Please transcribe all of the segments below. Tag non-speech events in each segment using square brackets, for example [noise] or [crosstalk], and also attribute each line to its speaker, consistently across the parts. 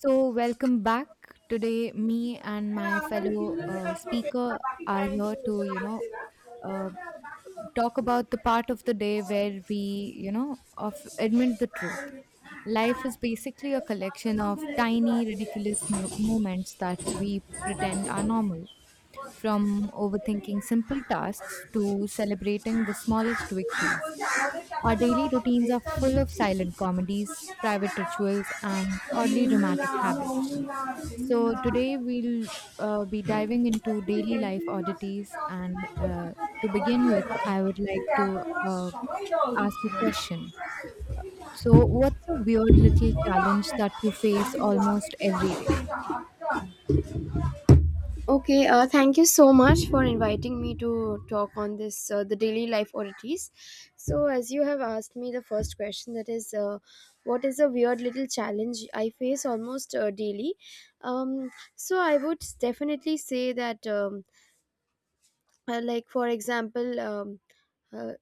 Speaker 1: So, welcome back. Today, me and my fellow speaker are here to, you know, uh, talk about the part of the day where we, you know, of admit the truth. Life is basically a collection of tiny, ridiculous moments that we pretend are normal. From overthinking simple tasks to celebrating the smallest victories. Our daily routines are full of silent comedies, private rituals, and oddly dramatic habits. So today we'll be diving into daily life oddities, and to begin with, I would like to ask a question. So, what's a weird little challenge that you face almost every day?
Speaker 2: Okay, thank you so much for inviting me to talk on this the daily life oddities. So, as you have asked me the first question, that is, what is a weird little challenge I face almost daily? Um, so, I would definitely say that. Like for example, uh,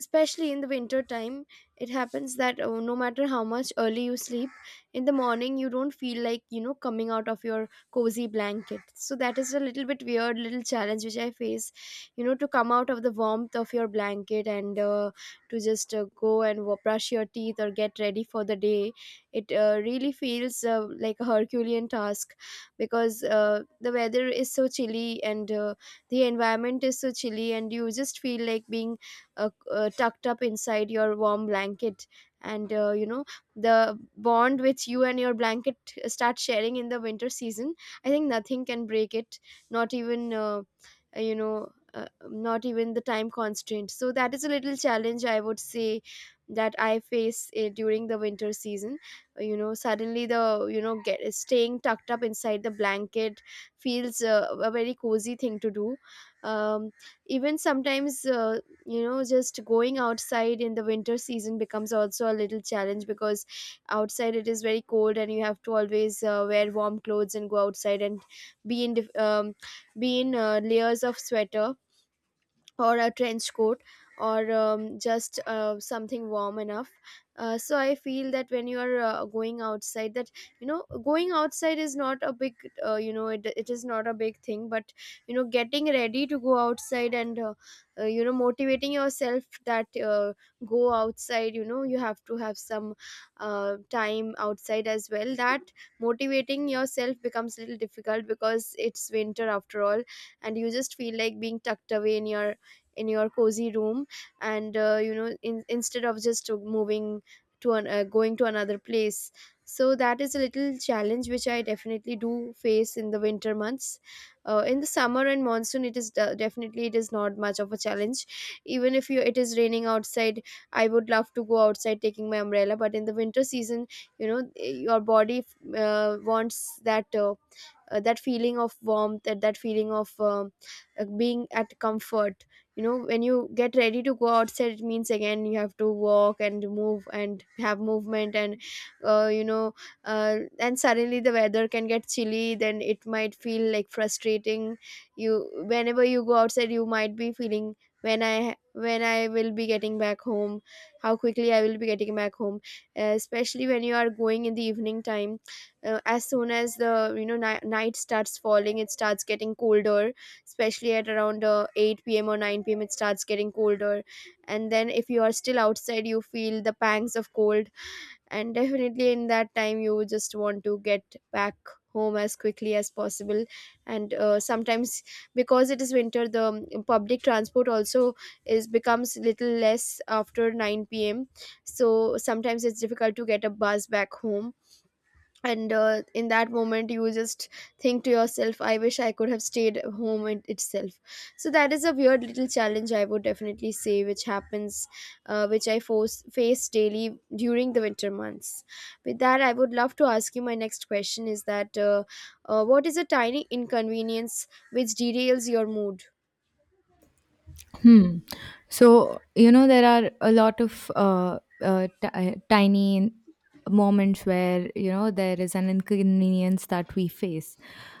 Speaker 2: especially in the winter time, it happens that, no matter how much early you sleep, in the morning you don't feel like, you know, coming out of your cozy blanket. So that is a little bit weird little challenge which I face, you know, to come out of the warmth of your blanket. And to just go and brush your teeth or get ready for the day. It really feels like a herculean task, because the weather is so chilly, and the environment is so chilly, and you just feel like being tucked up inside your warm blanket. And you know, the bond which you and your blanket start sharing in the winter season, I think nothing can break it. Not even you know, not even the time constraint. So that is a little challenge I would say that I face during the winter season. You know, suddenly, the you know get staying tucked up inside the blanket feels a very cozy thing to do. um, Even sometimes, you know, just going outside in the winter season becomes also a little challenge, because outside it is very cold, and you have to always wear warm clothes and go outside, and be in dif- um, be in layers of sweater, or a trench coat, or just something warm enough. So I feel that when you are going outside, that, you know, going outside is not a big, you know, it is not a big thing. But you know, getting ready to go outside, and you know, motivating yourself that, go outside, you know, you have to have some time outside as well, that motivating yourself becomes a little difficult because it's winter after all. And you just feel like being tucked away in your cozy room, and you know, instead of just to moving going to another place. So that is a little challenge which I definitely do face in the winter months. In the summer and monsoon, definitely it is not much of a challenge. Even if you it is raining outside, I would love to go outside taking my umbrella. But in the winter season, you know, your body wants that, that feeling of warmth, that feeling of being at comfort. You know, when you get ready to go outside, it means again you have to walk and move and have movement, and you know, and suddenly the weather can get chilly, then it might feel like frustrating. You Whenever you go outside, you might be feeling, when I will be getting back home, how quickly I will be getting back home. Especially when you are going in the evening time, as soon as the you know ni- night starts falling, it starts getting colder. Especially at around 8 p.m or 9 p.m, it starts getting colder. And then if you are still outside, you feel the pangs of cold. And [laughs] definitely in that time, you just want to get back home as quickly as possible. And sometimes, because it is winter, the public transport also is becomes little less after 9 p.m. So sometimes it's difficult to get a bus back home. And in that moment, you just think to yourself, I wish I could have stayed home itself. So that is a weird little challenge I would definitely say which happens, which I face daily during the winter months. With that, I would love to ask you my next question, is that, what is a tiny inconvenience which derails your mood?
Speaker 1: Hmm. So, you know, there are a lot of ti tiny moments where, you know, there is an inconvenience that we face.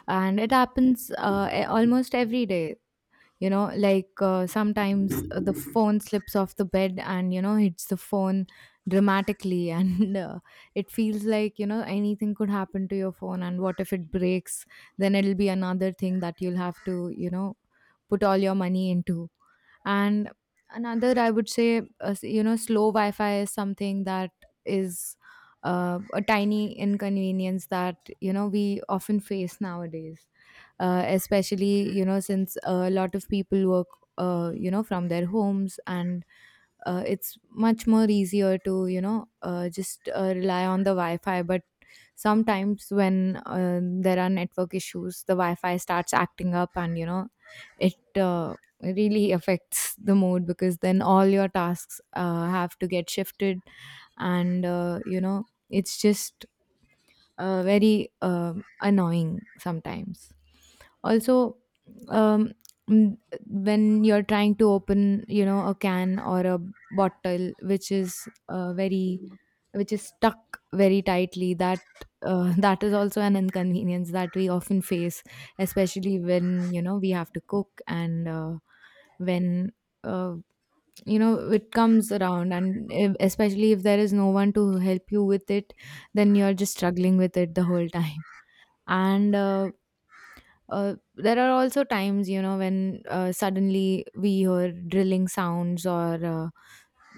Speaker 1: And it happens almost every day. You know, like sometimes the phone slips off the bed and, you know, hits the phone dramatically. [laughs] And it feels like, you know, anything could happen to your phone. And what if it breaks? Then it'll be another thing that you'll have to, you know, put all your money into. And another, I would say, you know, slow Wi Fi is something that is a tiny inconvenience that, you know, we often face nowadays, especially, you know, since a lot of people work, you know, from their homes and it's much more easier to you know just rely on the wi-fi but sometimes when there are network issues, the Wi-Fi starts acting up, and you know, it really affects the mood because then all your tasks have to get shifted, and you know, it's just very annoying sometimes. Also, um, mm, when you're trying to open, you know, a can or a bottle which is which is stuck very tightly, that [laughs] that is also an inconvenience that we often face, especially when you know we have to cook and when uh, you know it comes around and if, especially if there is no one to help you with it, then you're just struggling with it the whole time. And there are also times you know when suddenly we hear drilling sounds or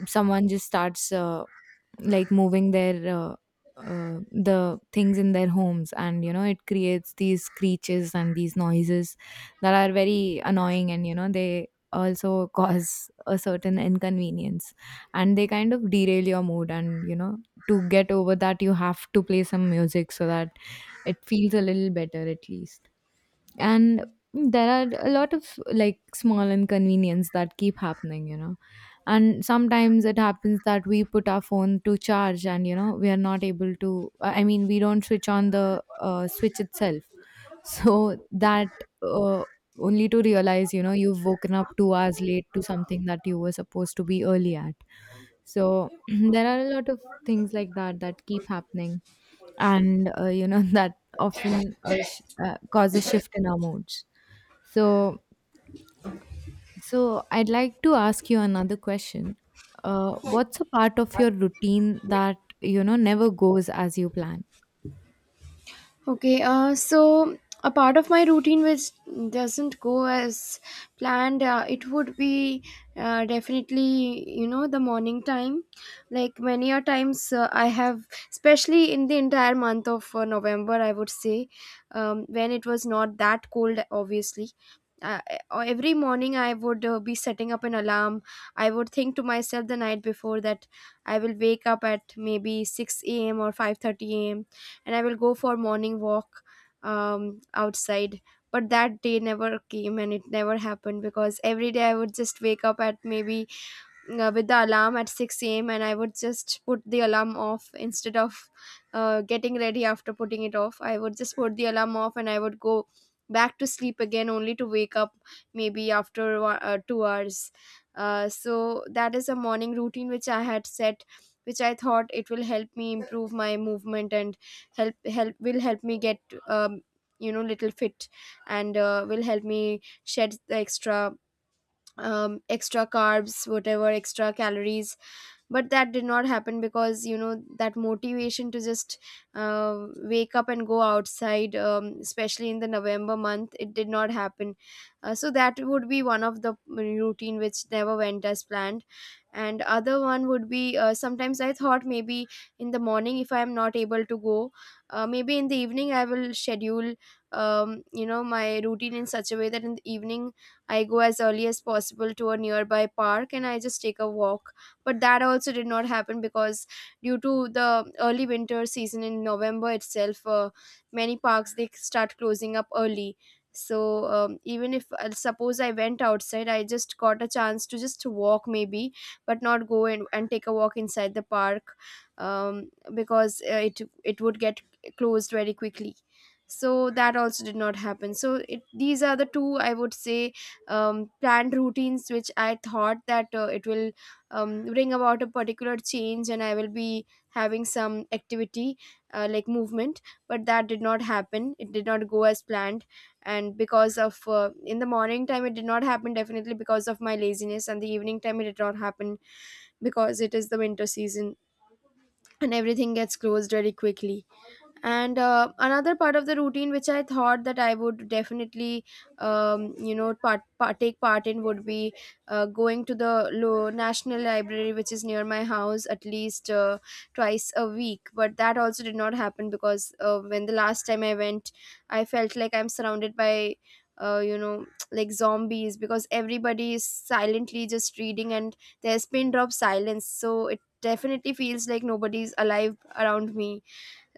Speaker 1: someone just starts like moving their the things in their homes, and you know it creates these screeches and these noises that are very annoying, and you know they also [laughs] cause a certain inconvenience, and they kind of derail your mood, and you know to get over that you have to play some music so that it feels a little better at least. And there are a lot of like small inconvenience that keep happening, you know, and sometimes it happens that we put our phone to charge, and you know we are not able to, I mean, we don't switch on the switch itself [laughs] so that uh, only to realize, you know, you've woken up 2 hours late to something that you were supposed to be early at. So [clears throat] there are a lot of things like that that keep happening, and you know [laughs] that often cause a shift in our moods. So, so I'd like to ask you another question. What's a part of your routine that you know never goes as you plan?
Speaker 2: Okay, so, a part of my routine which doesn't go as planned, it would be definitely, you know, the morning time. Like many a times, I have, especially in the entire month of November, I would say, when it was not that cold, obviously. Uh, every morning, I would be setting up an alarm. I would think to myself the night before that I will wake up at maybe 6 a.m. or 5:30 a.m., and I will go for morning walk, outside. But that day never came, and it never happened, because every day I would just wake up at maybe, with the alarm at 6 a.m., and I would just put the alarm off, instead of getting ready after putting it off. I would just put the alarm off, and I would go back to sleep again, only to wake up maybe after 2 hours. So that is a morning routine which I had set, which I thought it will help me improve my movement, and help me get um, you know, little fit, and will help me shed the extra, extra carbs, whatever extra calories. But that did not happen, because you know that motivation to just uh, wake up and go outside, especially in the November month, it did not happen. So that would be one of the routine which never went as planned. And other one would be, sometimes I thought maybe in the morning if I am not able to go, maybe in the evening I will schedule, you know, my routine in such a way that in the evening I go as early as possible to a nearby park, and I just take a walk. But that also did not happen, because due to the early winter season in November itself, many parks, they start closing up early. So even if, suppose I went outside, I just got a chance to just walk maybe, but not go and take a walk inside the park. Because it would get closed very quickly. So that also did not happen. So these are the two I would say, planned routines which I thought that it will, bring about a particular change, and I will be having some activity, like movement. But that did not happen, it did not go as planned. And because of, in the morning time it did not happen definitely because of my laziness, and the evening time it did not happen because it is the winter season, and everything gets closed very quickly. And another part of the routine which I thought that I would definitely, you know, take part in, would be going to the national library which is near my house at least twice a week. But that also did not happen because, when the last time I went, I felt like I'm surrounded by, you know, [tsk] like zombies, because everybody is silently just reading and there's pin drop silence. So it definitely feels like nobody's alive around me.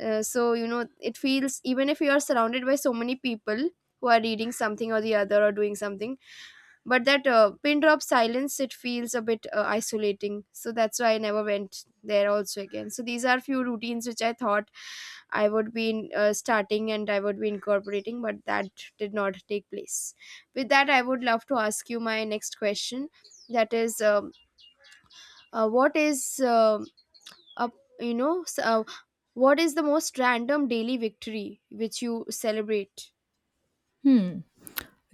Speaker 2: So you know, it feels, even if you are surrounded by so many people who are reading something or the other or doing something, but that pin drop silence, it feels a bit isolating. So that's why I never went there also again. So these are few routines which I thought I would be starting, and I would be incorporating, but that did not take place. With that, I would love to ask you my next question, that is, what is uh, you know what is the most random daily victory which you celebrate?
Speaker 1: Hmm.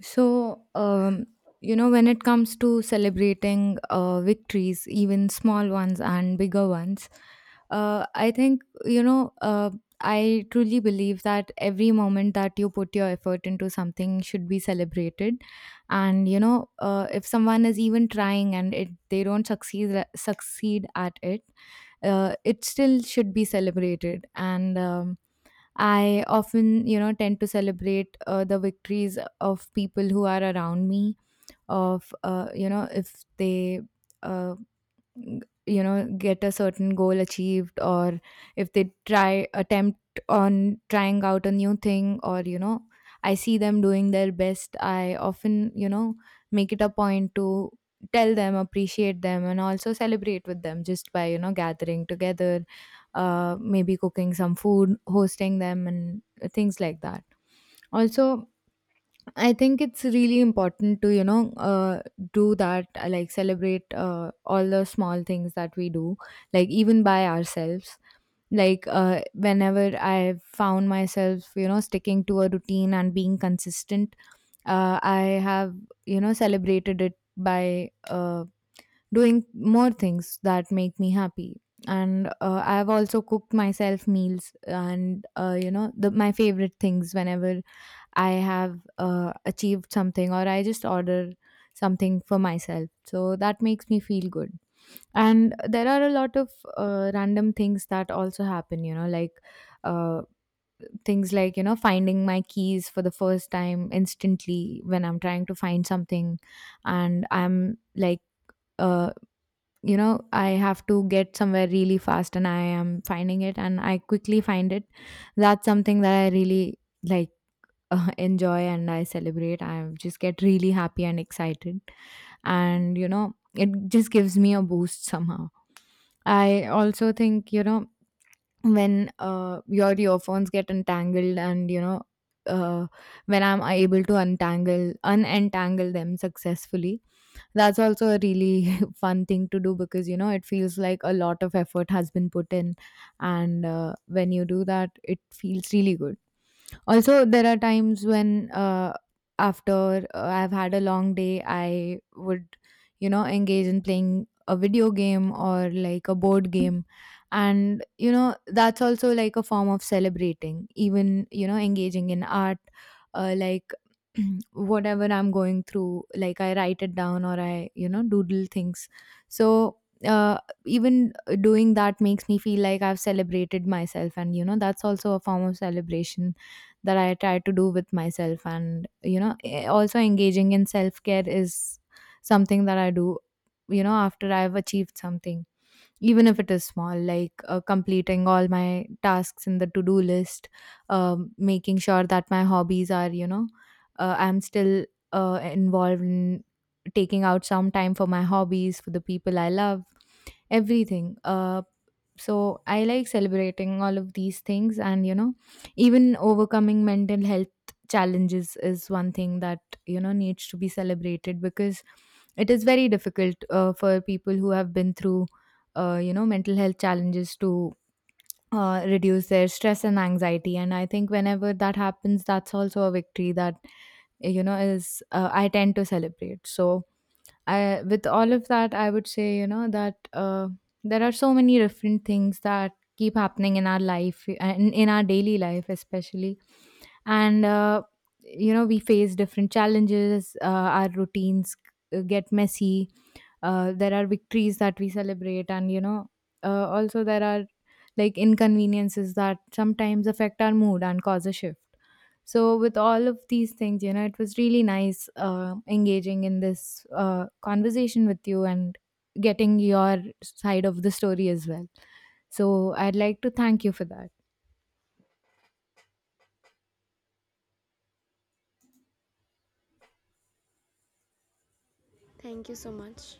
Speaker 1: So, you know, when it comes to celebrating victories, even small ones and bigger ones, I think, you know, I truly believe that every moment that you put your effort into something should be celebrated. And, you know, if someone is even trying and they don't succeed, succeed at it, it still should be celebrated. And, I often, you know, tend to celebrate the victories of people who are around me, of, you know, if they uh, you know get a certain goal achieved, or if they try attempt on trying out a new thing, or you know I see them doing their best, I often, you know, make it a point to tell them, appreciate them, and also celebrate with them, just by, you know, gathering together, uh, maybe cooking some food, hosting them, and things like that. Also, I think it's really important to, you know, do that, like celebrate all the small things that we do, like even by ourselves. Like, whenever I found myself, you know, sticking to a routine and being consistent, I have, you know, celebrated it by doing more things that make me happy. And I've also cooked myself meals and, you know, my favorite things whenever I have achieved something, or I just order something for myself. So that makes me feel good. And there are a lot of random things that also happen, you know, like uh, things like, you know, finding my keys for the first time instantly when I'm trying to find something and I'm like, uh, you know, I have to get somewhere really fast and I am finding it and I quickly find it. That's something that I really like [laughs] enjoy and I celebrate. I just get really happy and excited. And, you know, it just gives me a boost somehow. I also think, you know, when your earphones get entangled, and you know uh, when I'm able to untangle unentangle them successfully, that's also a really [laughs] fun thing to do, because you know it feels like a lot of effort has been put in, and when you do that it feels really good. Also there are times when after I've had a long day I would, you know, engage in playing a video game or like a board game, and you know that's also like a form of celebrating, even, you know, engaging in art, like [clears throat] whatever I'm going through, like I write it down or I, you know, doodle things. So uh, even doing that makes me feel like I've celebrated myself, and you know that's also a form of celebration that I try to do with myself. And, you know, eh, also engaging in self care is something that I do, you know, after I've achieved something, even if it is small, like completing all my tasks in the to do list, making sure that my hobbies are, you know, I'm still involved in taking out some time for my hobbies, for the people I love, everything so I like celebrating all of these things, and you know, even overcoming mental health challenges is one thing that you know needs to be celebrated, because it is very difficult for people who have been through you know mental health challenges to reduce their stress and anxiety, and I think whenever that happens that's also a victory that you know is I tend to celebrate. So I, with all of that, I would say, you know, that there are so many different things that keep happening in our life, in our daily life, especially. And, you know, we face different challenges, our routines get messy, there are victories that we celebrate, and you know also there are like inconveniences that sometimes affect our mood and cause a shift. So with all of these things, you know, it was really nice engaging in this conversation with you and getting your side of the story as well, so I'd like to thank you for that.
Speaker 2: Thank you so much.